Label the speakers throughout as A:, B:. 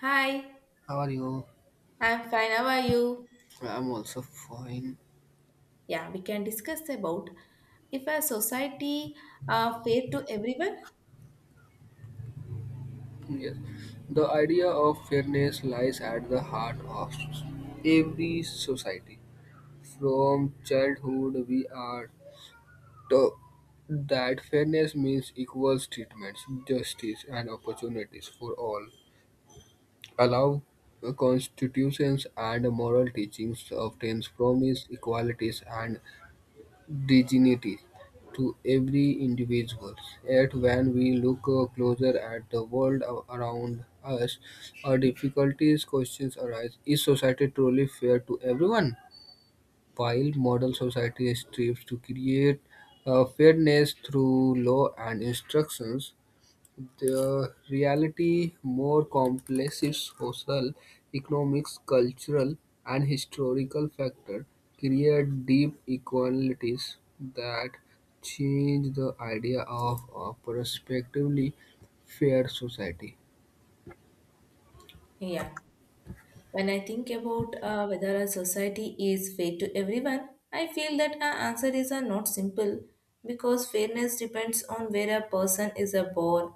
A: Hi,
B: How are you?
A: I'm fine. How are you?
B: I'm also fine.
A: Yeah, we can discuss about if a society fair to everyone.
B: Yes. The idea of fairness lies at the heart of every society. From childhood, we are taught that fairness means equal treatments, justice, and opportunities for all. Allow constitutions and moral teachings often promise equalities and dignity to every individual. Yet, when we look closer at the world around us, our difficulties questions arise. Is society truly fair to everyone? While modern society strives to create fairness through law and instructions, the reality more complex is social, economic, cultural, and historical factors create deep inequalities that change the idea of a prospectively fair society.
A: Yeah, when I think about whether a society is fair to everyone, I feel that our answer is not simple because fairness depends on where a person is born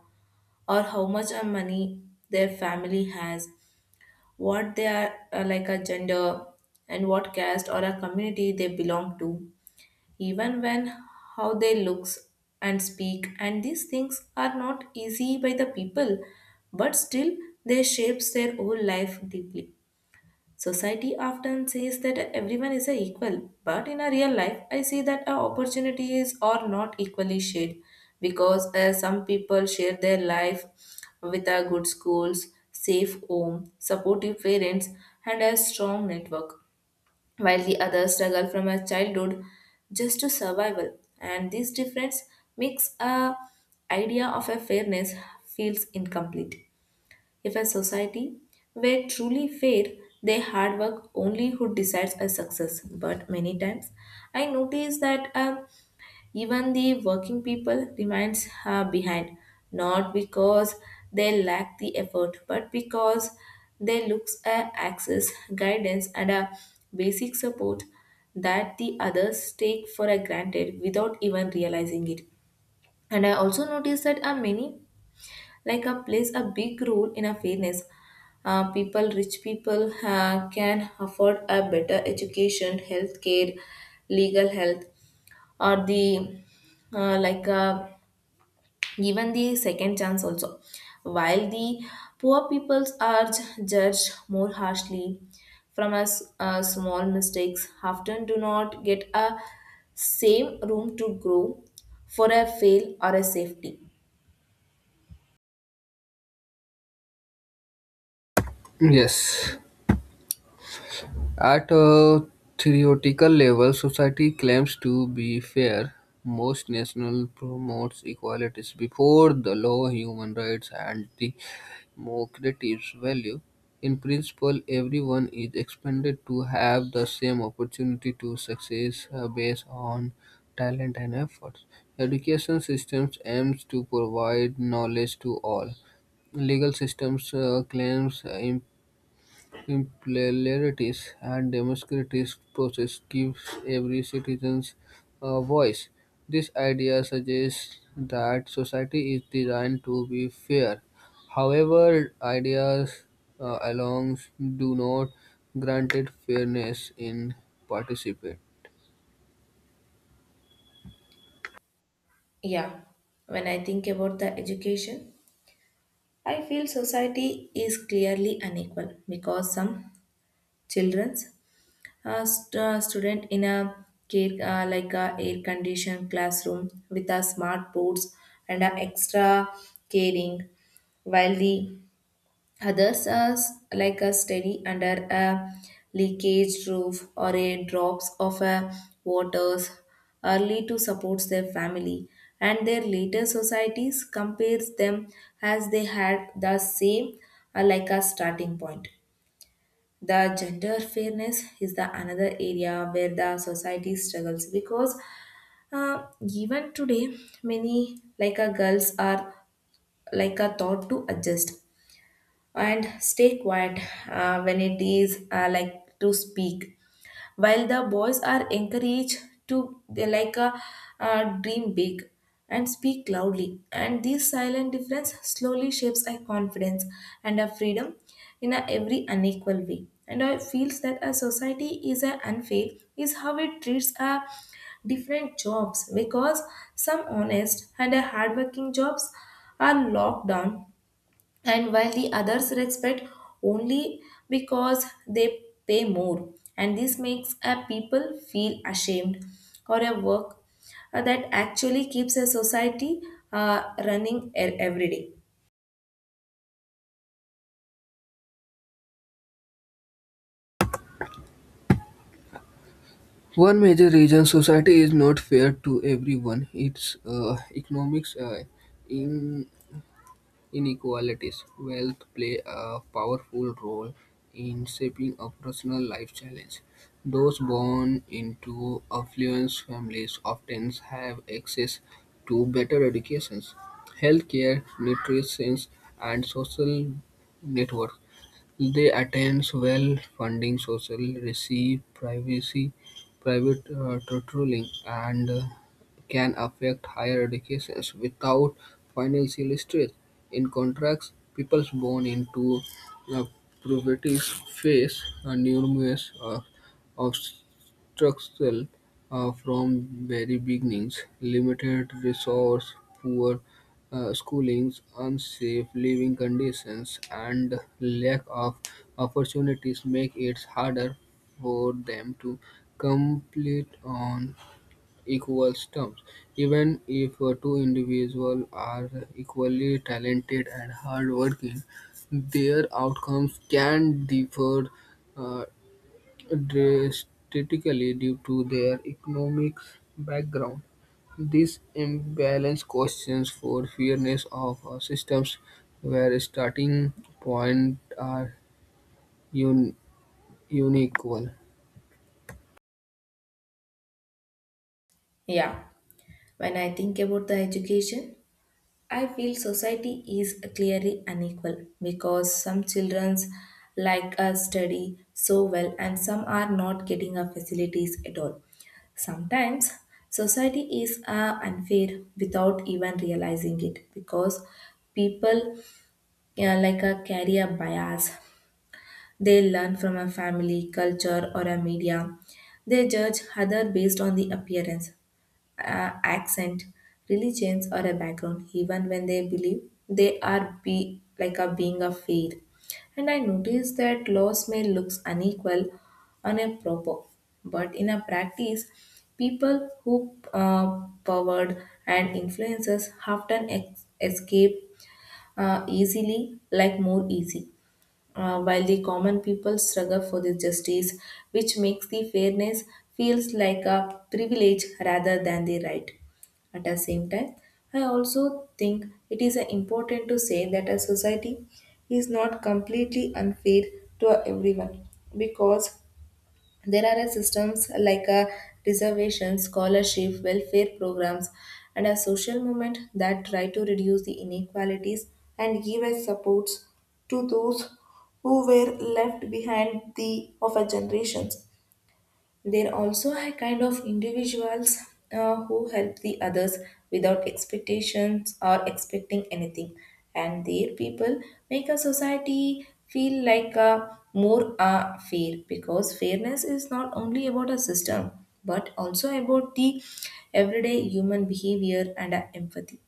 A: or how much money their family has, what they are like a gender, and what caste or a community they belong to. Even when how they looks and speak and these things are not easy by the people but still they shapes their whole life deeply society often says that everyone is a equal but in a real life I see that our opportunities are not equally shared because some people share their life with a good schools safe home supportive parents and a strong network while the others struggle from a childhood just to survival and this difference makes a idea of a fairness feels incomplete if a society were truly fair they hard work only who decides a success but many times I notice that even the working people remains her behind, not because they lack the effort, but because they look at access, guidance, and a basic support that the others take for a granted without even realizing it. And I also noticed that a many like a plays a big role in a fairness. People, rich people, can afford a better education, healthcare, legal health, or the uh, like uh, given the second chance also while the poor peoples are judged more harshly from us small mistakes often do not get a same room to grow for a fail or a safety
B: Yes. At a theoretical level, society claims to be fair. Most national promotes equalities before the law, human rights, and the democratic value, in principle everyone is expected to have the same opportunity to success based on talent and efforts. Education systems aims to provide knowledge to all. Legal systems claims pluralities and democratic process gives every citizen a voice. This idea suggests that society is designed to be fair. However, ideas alone do not grant it fairness in participate.
A: yeah when I think about the education I feel society is clearly unequal because some children a student in a care, like a air conditioned classroom with a smart boards and a extra caring, while the others are like a study under a leakage roof or a drops of a waters early to support their family and their later societies compares them as they had the same like a starting point the gender fairness is the another area where the society struggles because even today many like a girls are like a thought to adjust and stay quiet when it is like to speak while the boys are encouraged to they like dream big and speak loudly and this silent difference slowly shapes our confidence and our freedom in a every unequal way and I feels that a society is a unfair is how it treats a different jobs because some honest and a hardworking jobs are locked down and while the others respect only because they pay more and this makes a people feel ashamed or a work that actually keeps a society uh, running e- every day
B: One major reason society is not fair to everyone is economics inequalities. Wealth play a powerful role in shaping a personal life challenge. Those born into affluent families often have access to better educations, healthcare, nutrition, and social networks. They attends well-funding social receive privacy, private tutoring, and can affect higher educations without financial stress. In contrast, people born into uh, poverty face numerous obstacles from very beginnings, limited resource, poor schooling's unsafe living conditions and lack of opportunities make it harder for them to compete on equal terms. Even if two individuals are equally talented and hardworking, their outcomes can differ uh, drastically due to their economic background, this imbalance questions for fairness of our systems where starting point are un- unequal.
A: yeah when I think about the education I feel society is clearly unequal because some children like us study so well and some are not getting our facilities at all. Sometimes society is unfair without even realizing it because people like a carry a bias. They learn from a family, culture, or a media. They judge other based on the appearance uh, accent, religions, or a background, even when they believe they are be like a being a fair. And I notice that laws may looks unequal on a proper, but in a practice, people who powered and influences often escape easily, like more easy while the common people struggle for the justice, which makes the fairness feels like a privilege rather than the right. At the same time, I also think it is important to say that a society is not completely unfair to everyone because there are a systems like a reservation, scholarship, welfare programs, and a social movement that try to reduce the inequalities and give a supports to those who were left behind the of a generations. There also are kind of individuals who help the others without expectations or expecting anything, and their people make a society feel like a more fair because fairness is not only about a system but also about the everyday human behavior and empathy.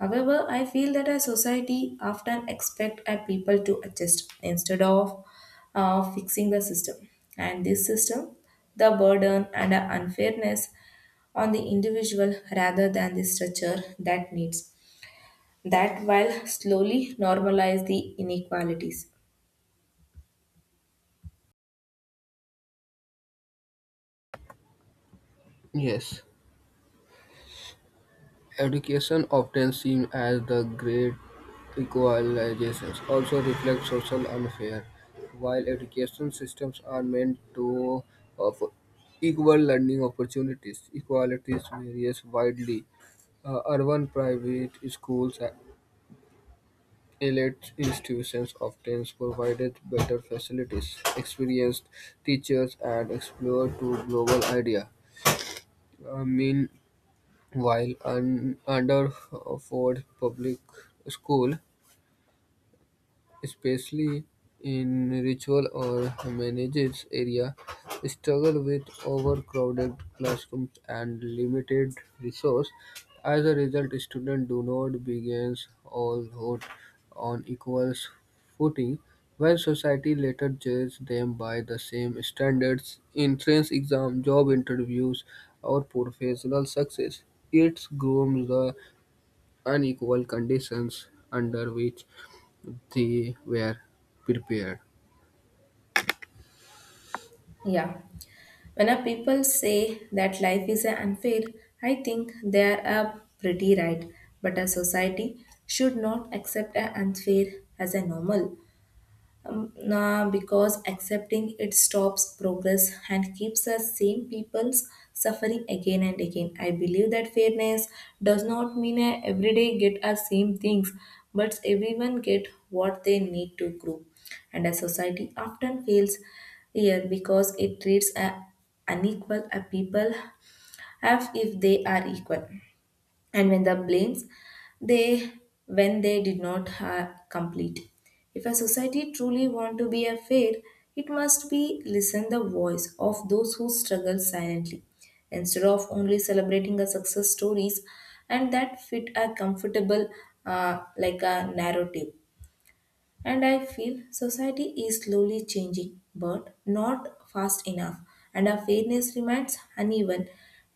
A: However, I feel that our society often expect our people to adjust instead of fixing the system. And this system, the burden and the unfairness on the individual rather than the structure that needs that while slowly normalize the inequalities.
B: Yes, education often seen as the great equalization also reflects social unfair. While education systems are meant to offer equal learning opportunities, equalities varies widely. Urban private schools and elite institutions often provided better facilities, experienced teachers, and exposure to global idea. Meanwhile, underfunded public school especially in ritual or humanities area, struggle with overcrowded classrooms and limited resource. As a result, students do not begin all out on equal footing, while society later judges them by the same standards in entrance exam, job interviews, or professional success. It grooms the unequal conditions under which they were prepared.
A: Yeah. When a people say that life is unfair, I think they are a pretty right. But a society should not accept a unfair as a normal. Nah, because accepting it stops progress and keeps the same people's suffering again and again. I believe that fairness does not mean I every day get our same things, but everyone get what they need to grow. And a society often fails here because it treats a unequal a people as if they are equal and when the blames they when they did not ha- complete if a society truly want to be a fair it must be listen the voice of those who struggle silently instead of only celebrating the success stories and that fit a comfortable like a narrative and I feel society is slowly changing, but not fast enough. And our fairness remains uneven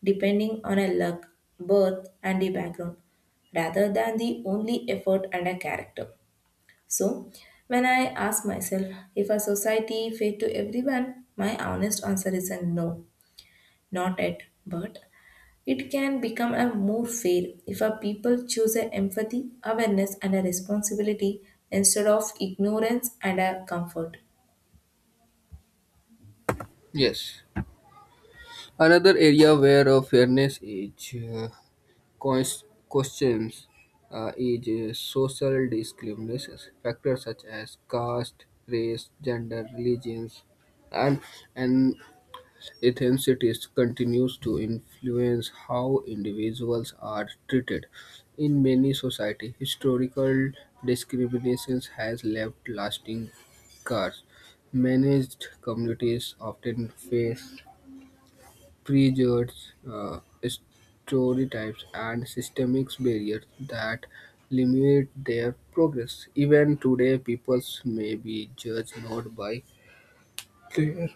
A: depending on a luck, birth, and the background, rather than the only effort and a character. So, when I ask myself if a society fair to everyone, my honest answer is a no, not yet, but it can become a more fair if our people choose a empathy, awareness, and a responsibility instead of ignorance and a comfort.
B: Yes. Another area where fairness is questions is social discrimination. Factors such as caste, race, gender, religions, and, and ethnicity continues to influence how individuals are treated. In many societies, historical discrimination has left lasting scars. Managed communities often face prejudged stereotypes and systemic barriers that limit their progress. Even today, peoples may be judged not by their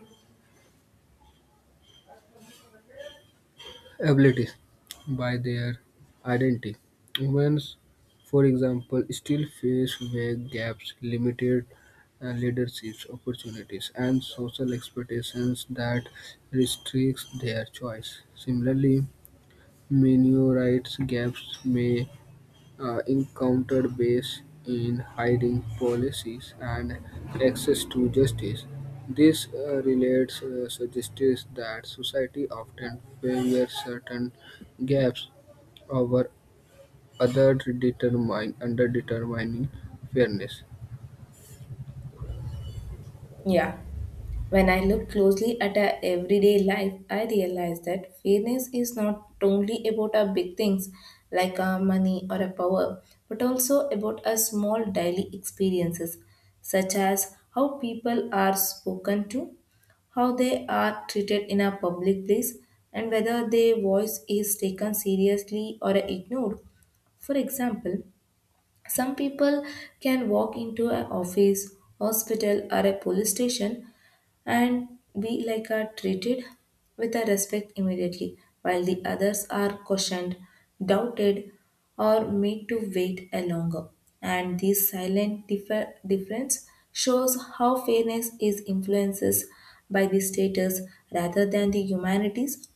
B: abilities by their identity. Humans, for example, still face vague gaps, limited leadership opportunities, and social expectations that restricts their choice. Similarly, minority rights gaps may encountered base in hiring policies and access to justice. This relates suggests that society often favors certain gaps over other determine under determining fairness.
A: Yeah. When I look closely at our everyday life, I realize that fairness is not only about our big things like our money or our power, but also about our small daily experiences, such as how people are spoken to, how they are treated in a public place, and whether their voice is taken seriously or ignored. For example, some people can walk into an office, hospital, or a police station and be like are treated with a respect immediately, while the others are cautioned, doubted, or made to wait a longer. And this silent difference shows how fairness is influences by the status rather than the humanities.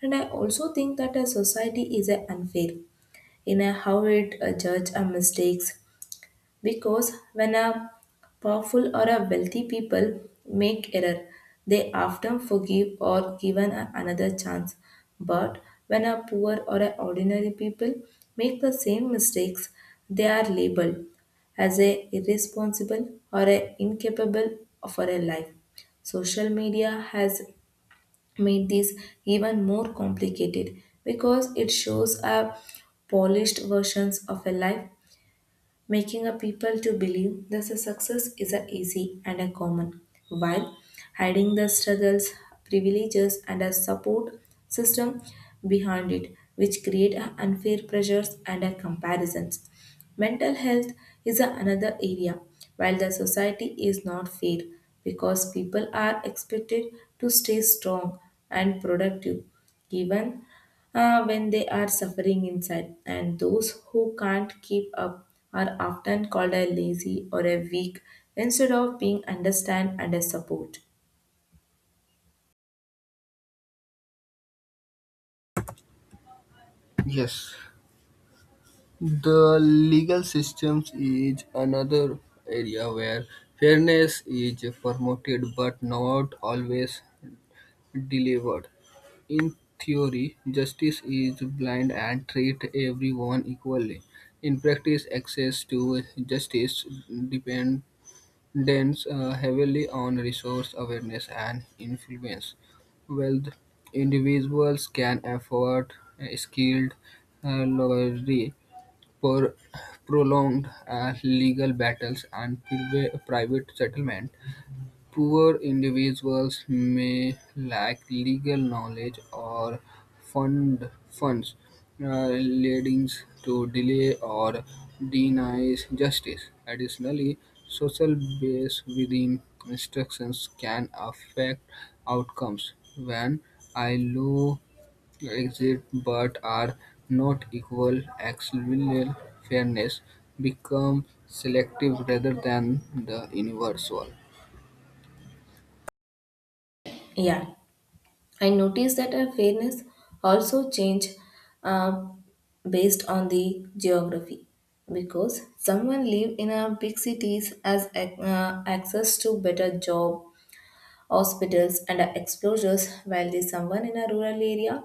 A: And I also think that a society is a unfair in a how it judge our mistakes because when a powerful or a wealthy people make error, they often forgive or another chance. But when a poor or a ordinary people make the same mistakes, they are labeled as a irresponsible or a incapable for a life. Social media has made this even more complicated because it shows a polished versions of a life making a people to believe that the success is a easy and a common, while hiding the struggles, privileges, and a support system behind it, which create a unfair pressures and a comparisons. Mental health is a another area while the society is not fair because people are expected to stay strong and productive even when they are suffering inside, and those who can't keep up are often called a lazy or a weak instead of being understand and a support.
B: Yes, the legal systems is another area where fairness is promoted but not always delivered. In theory, justice is blind and treats everyone equally. In practice, access to justice depends heavily on resource awareness and influence. Wealth individuals can afford a skilled lawyers for prolonged legal battles and private settlement. Poor individuals may lack legal knowledge or funds, leading to delay or denies justice. Additionally, social bias within instructions can affect outcomes when I low exit but are not equal actual fairness become selective rather than the universal.
A: Yeah, I noticed that our fairness also change uh, based on the geography because someone live in a big cities as access to better job hospitals, and exposures, while the someone in a rural area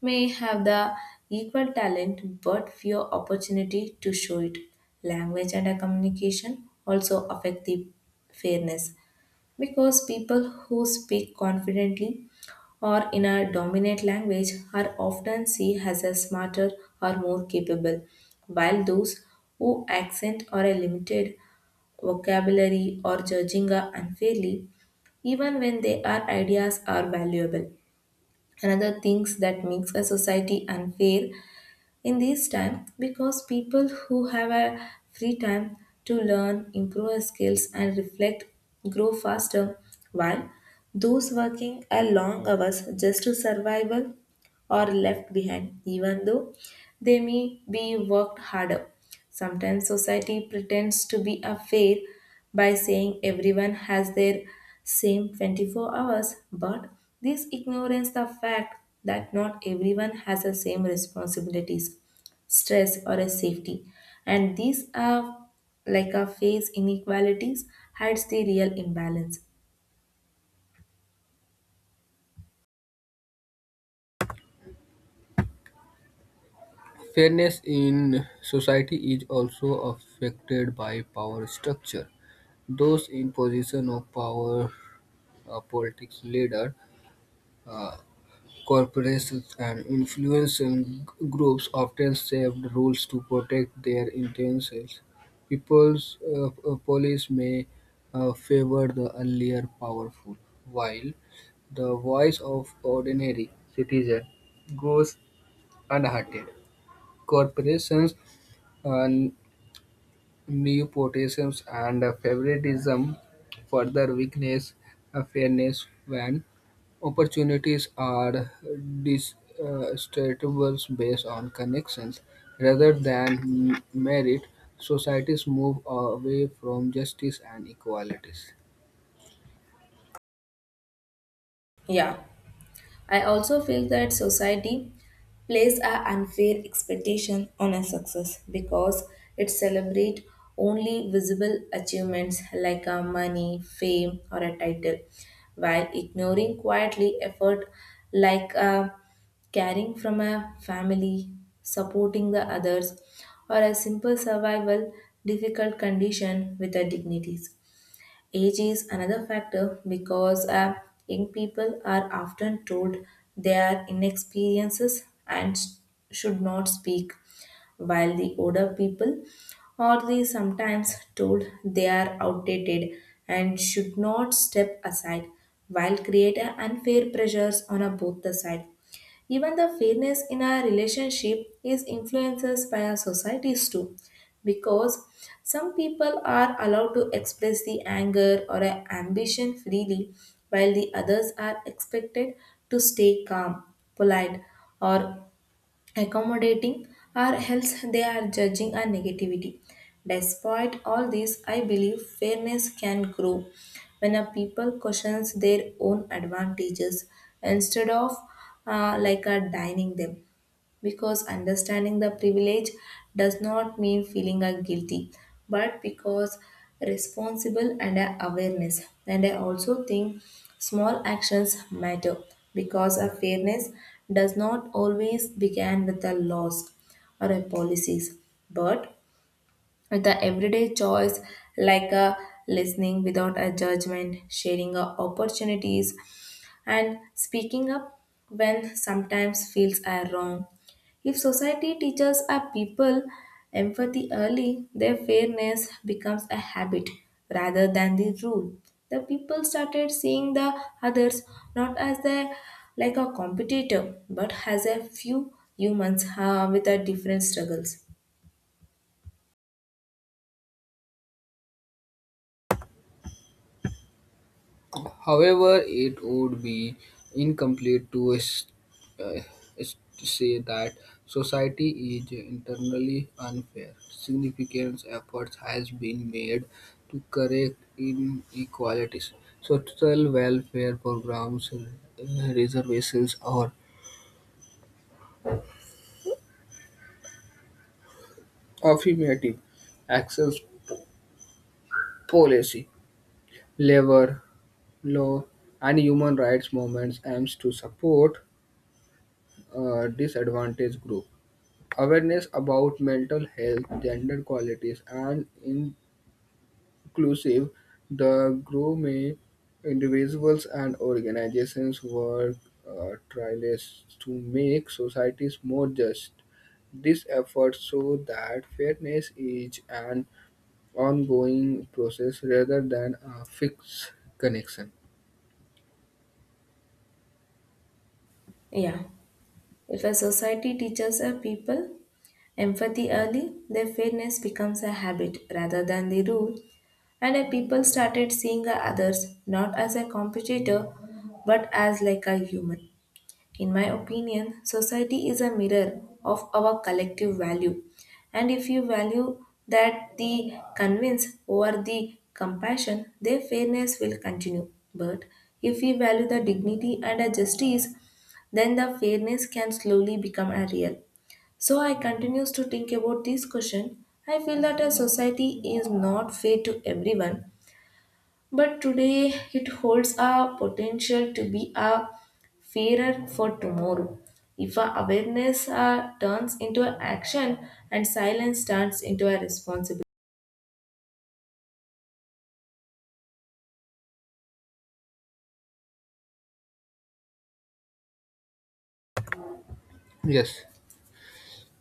A: may have the equal talent but fewer opportunity to show it. Language and communication also affect the fairness because people who speak confidently or in a dominant language are often seen as a smarter or more capable, while those who accent or are limited vocabulary, or judging are unfairly, even when their ideas are valuable. Another things that makes a society unfair in this time because people who have a free time to learn, improve their skills and reflect grow faster while those working a long hours just to survival or left behind, even though they may be worked harder. Sometimes society pretends to be a fair by saying everyone has their same 24 hours, but this ignorance the fact that not everyone has the same responsibilities, stress, or a safety. And these are like a phase inequalities hides the real imbalance.
B: Fairness in society is also affected by power structure. Those in position of power, politics leader, uh, corporations, and influencing groups often shape the rules to protect their intentions. People's police may favor the earlier powerful, while the voice of ordinary citizen goes unheard. Corporations uh, nepotism and favoritism further weakness fairness when opportunities are distributable based on connections rather than merit. Societies move away from justice and equalities.
A: Yeah. I also feel that society places an unfair expectation on a success because it celebrates only visible achievements like money, fame, or a title, while ignoring quietly effort like caring from a family, supporting the others, or a simple survival difficult condition with a dignities. Age is another factor because young people are often told they are inexperienced and should not speak, while the older people are the sometimes told they are outdated and should not step aside, while create a unfair pressures on a both the side. Even the fairness in our relationship is influences by our societies too because some people are allowed to express the anger or a ambition freely while the others are expected to stay calm polite or accommodating or else they are judging our negativity. Despite all this I believe fairness can grow when a people questions their own advantages instead of like a dining them because understanding the privilege does not mean feeling a guilty but because responsible and a awareness. And I also think small actions matter because a fairness does not always begin with a laws or a policies but the everyday choice like a listening without a judgment, sharing a opportunities, and speaking up when sometimes feels are wrong. If society teaches our people empathy early, their fairness becomes a habit rather than the rule. The people started seeing the others not as a like a competitor but as a few humans with a different struggles.
B: However, it would be incomplete to uh, say that society is internally unfair. Significant efforts has been made to correct inequalities. Social welfare programs, reservations, or affirmative actions policy, labor law, and human rights movements aims to support disadvantaged groups. Awareness about mental health, gender qualities, and inclusive the grow may individuals and organizations work tirelessly to make societies more just. This effort so that fairness is an ongoing process rather than a fixed connection.
A: Yeah. If a society teaches a people empathy early, their fairness becomes a habit rather than the rule, and a people started seeing the others not as a competitor but as like a human. In my opinion, society is a mirror of our collective value. And if you value that the convince over the compassion, their fairness will continue. But if we value the dignity and the justice, then the fairness can slowly become a real. So I continues to think about this question. I feel that a society is not fair to everyone but today it holds a potential to be a fairer for tomorrow. If our awareness turns into action and silence turns into a responsibility.
B: Yes.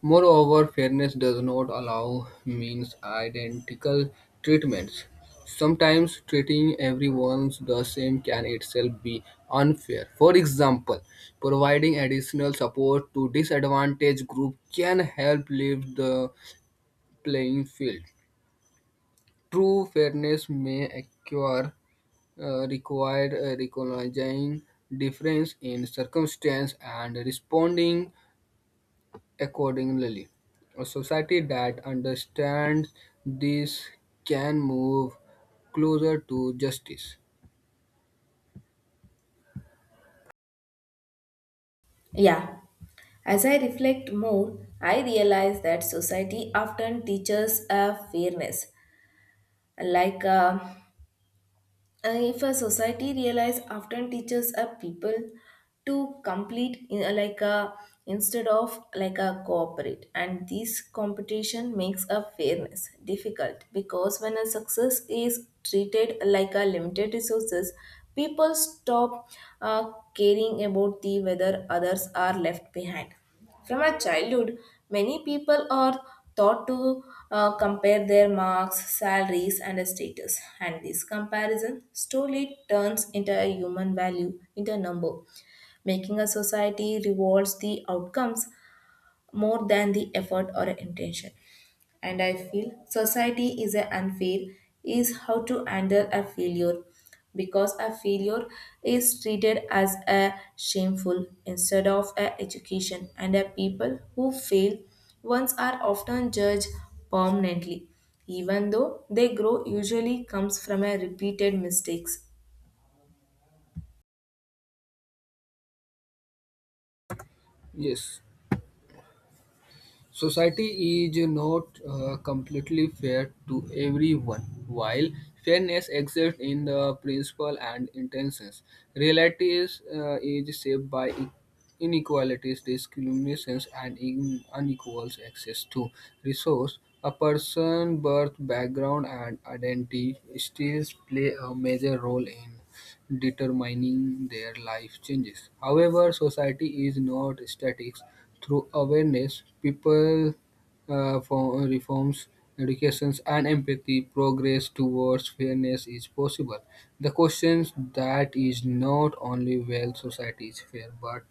B: Moreover, fairness does not allow means identical treatments. Sometimes treating everyone the same can itself be unfair. For example, providing additional support to disadvantaged group can help lift the playing field. True fairness may occur required recognizing difference in circumstance and responding accordingly, a society that understands this can move closer to justice.
A: Yeah. As I reflect more, I realize that society often teaches fairness, like if a society realize often teaches a people to complete in, like a instead of like a cooperate. And this competition makes a fairness difficult because when a success is treated like a limited resources, people stop caring about the whether others are left behind. From our childhood, many people are taught to compare their marks, salaries, and status, and this comparison slowly turns into a human value, into a number, making a society rewards the outcomes more than the effort or intention. And I feel society is a unfair is how to handle a failure because a failure is treated as a shameful instead of a education. And a people who fail once are often judged permanently even though they grow usually comes from a repeated mistakes.
B: Yes. Society is not completely fair to everyone. While fairness exists in the principle and intentions, reality is shaped by inequalities, discriminations, and unequal access to resource. A person's birth, background, and identity still play a major role in determining their life changes. However, society is not static. Through awareness, people for reforms, educations, and empathy, progress towards fairness is possible. The question that is not only whether society is fair, but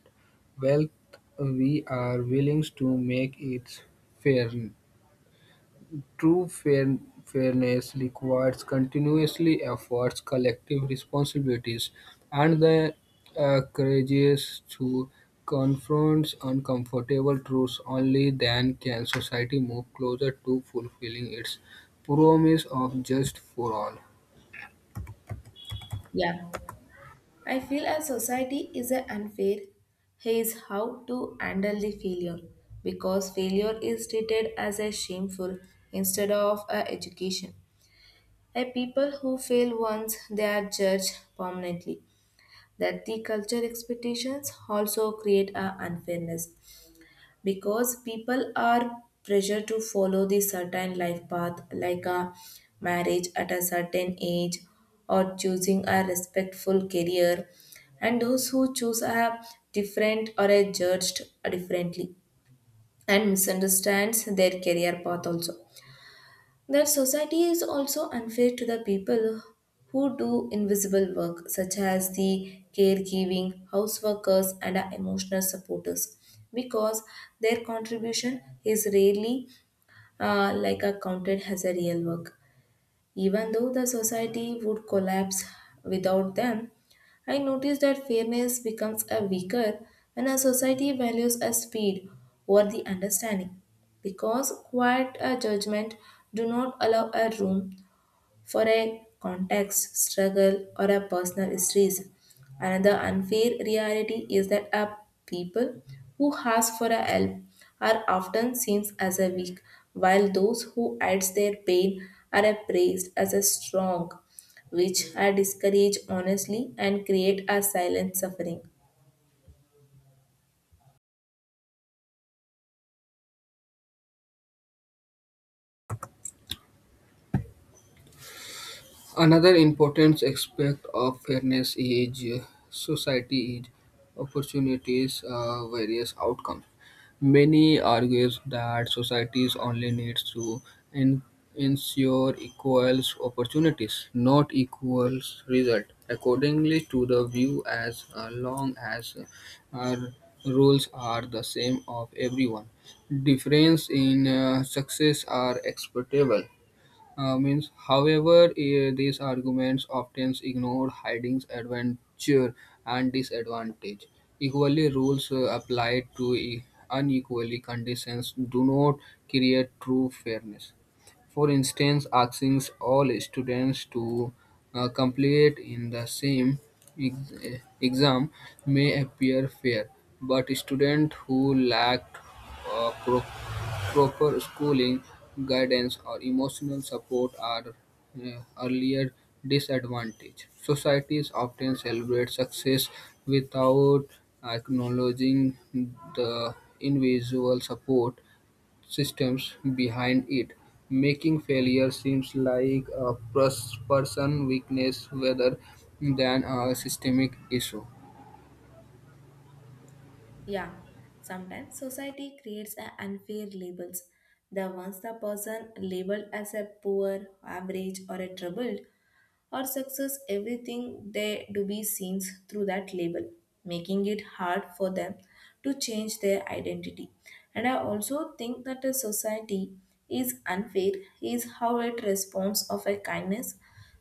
B: wealth we are willing to make it fair. True fairness requires continuously efforts, collective responsibilities, and the courage to confront uncomfortable truths. Only then can society move closer to fulfilling its promise of just for all.
A: Yeah. I feel as society is a unfair is how to handle the failure because failure is treated as a shameful instead of a education. A people who fail once they are judged permanently. That the culture expectations also create a unfairness because people are pressured to follow the certain life path like a marriage at a certain age or choosing a respectful career, and those who choose a different or are judged differently and misunderstands their career path also. That society is also unfair to the people who do invisible work, such as the caregiving, house workers, and our emotional supporters, because their contribution is rarely like accounted as a real work. Even though the society would collapse without them, I noticed that fairness becomes a weaker when a society values a speed over the understanding because quiet judgment do not allow a room for a context, struggle, or a personal stress. Another unfair reality is that a people who ask for a help are often seen as a weak, while those who hide their pain are appraised as a strong, which are discouraged honestly and create a silent suffering.
B: Another important aspect of fairness is society is opportunities various outcomes. Many argues that societies only needs to en- ensure equal opportunities, not equal result. Accordingly to the view, as long as uh, rules are the same of everyone, difference in success are acceptable. Means, however, these arguments often ignore hiding's advantage and disadvantage. Equally, rules applied to unequally conditions do not create true fairness. For instance, asking all students to complete in the same exam may appear fair, but students who lacked uh, proper schooling, guidance, or emotional support are earlier disadvantage. Societies often celebrate success without acknowledging the invisible support systems behind it, making failure seems like a person weakness rather than a systemic issue.
A: Yeah, sometimes society creates a unfair labels. The once the person labeled as a poor, average, or a troubled or success, everything they do be seen through that label, making it hard for them to change their identity. And I also think that a society is unfair is how it responds of a kindness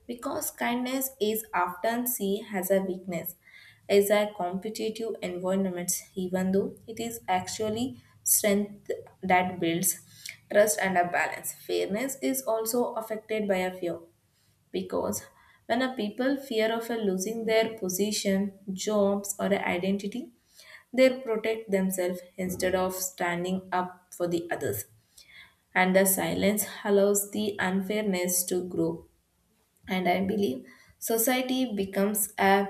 A: because kindness is often seen as a weakness as a competitive environment even though it is actually strength that builds trust and a balance. Fairness is also affected by a fear because when a people fear of a losing their position, jobs, or a identity, they protect themselves instead of standing up for the others. And the silence allows the unfairness to grow. And I believe society becomes a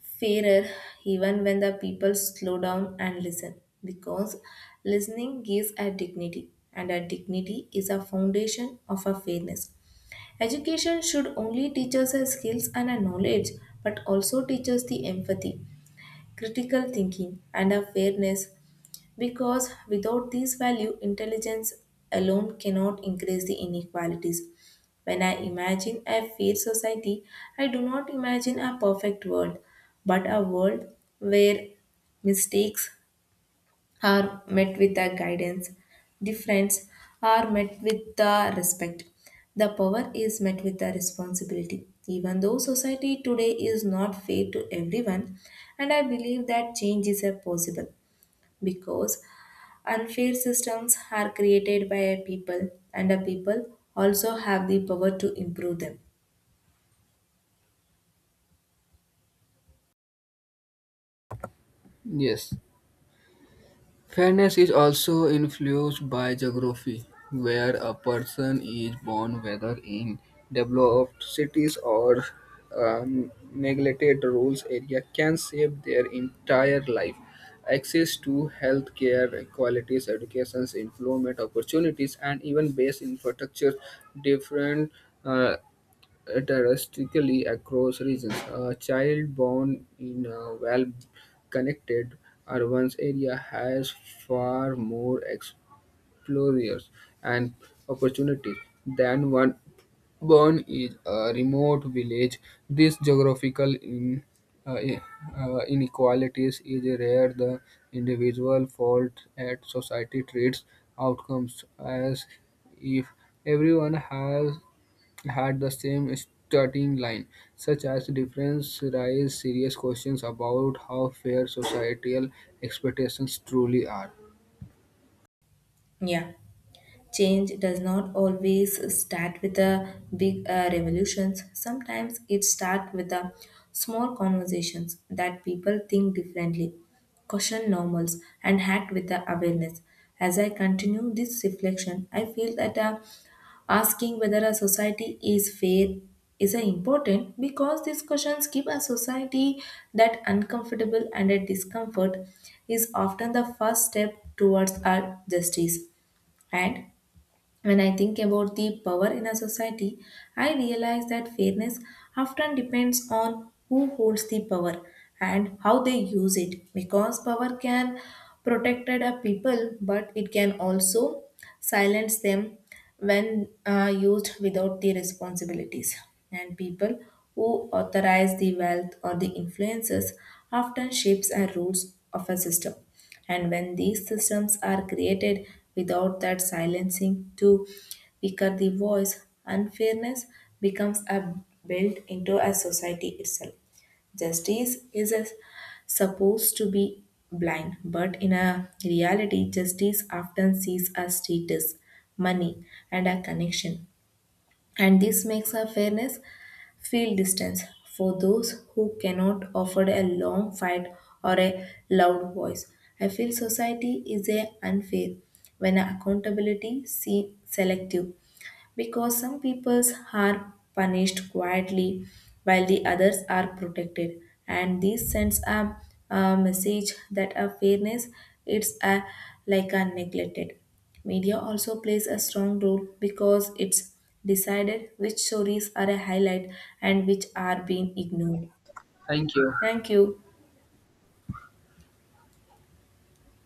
A: fairer even when the people slow down and listen because listening gives a dignity and a dignity is a foundation of a fairness. Education should only teach us our skills and our knowledge, but also teach us the empathy, critical thinking, and our fairness because without these values, intelligence alone cannot increase the inequalities. When I imagine a fair society, I do not imagine a perfect world, but a world where mistakes are met with the guidance. The friends are met with the respect. The power is met with the responsibility. Even though society today is not fair to everyone, and I believe that change is a possible because unfair systems are created by a people, and the people also have the power to improve them.
B: Yes. Fairness is also influenced by geography, where a person is born, whether in developed cities or neglected rural area, can shape their entire life. Access to healthcare, qualities, education, employment opportunities, and even base infrastructure different uh, drastically across regions. A child born in a well connected urban area has far more exposures and opportunities than one born in a remote village. This geographical uh, i- inequalities is rare. The individual fault at society treats outcomes as if everyone has had the same starting line. Such as difference raise serious questions about how fair societal expectations truly are.
A: Yeah. Change does not always start with the big revolutions. Sometimes it starts with the small conversations that people think differently, question normals, and act with the awareness. As I continue this reflection, I feel that asking whether a society is fair is important because these questions keep a society that uncomfortable and a discomfort is often the first step towards our justice. And when I think about the power in a society, I realize that fairness often depends on who holds the power and how they use it because power can protect a people but it can also silence them when used without the responsibilities. And people who authorize the wealth or the influences often shapes the rules of a system, and when these systems are created without that silencing to weaker the voice, unfairness becomes a built into a society itself. Justice is a- supposed to be blind, but in a reality, justice often sees a status, money, and a connection. And this makes a fairness feel distance for those who cannot afford a long fight or a loud voice. I feel society is a unfair when accountability seems selective because some peoples are punished quietly while the others are protected, and this sends a message that a fairness it's a like a neglected. Media also plays a strong role because it's decided which stories are a highlight and which are being ignored.
B: Thank you.
A: Thank you.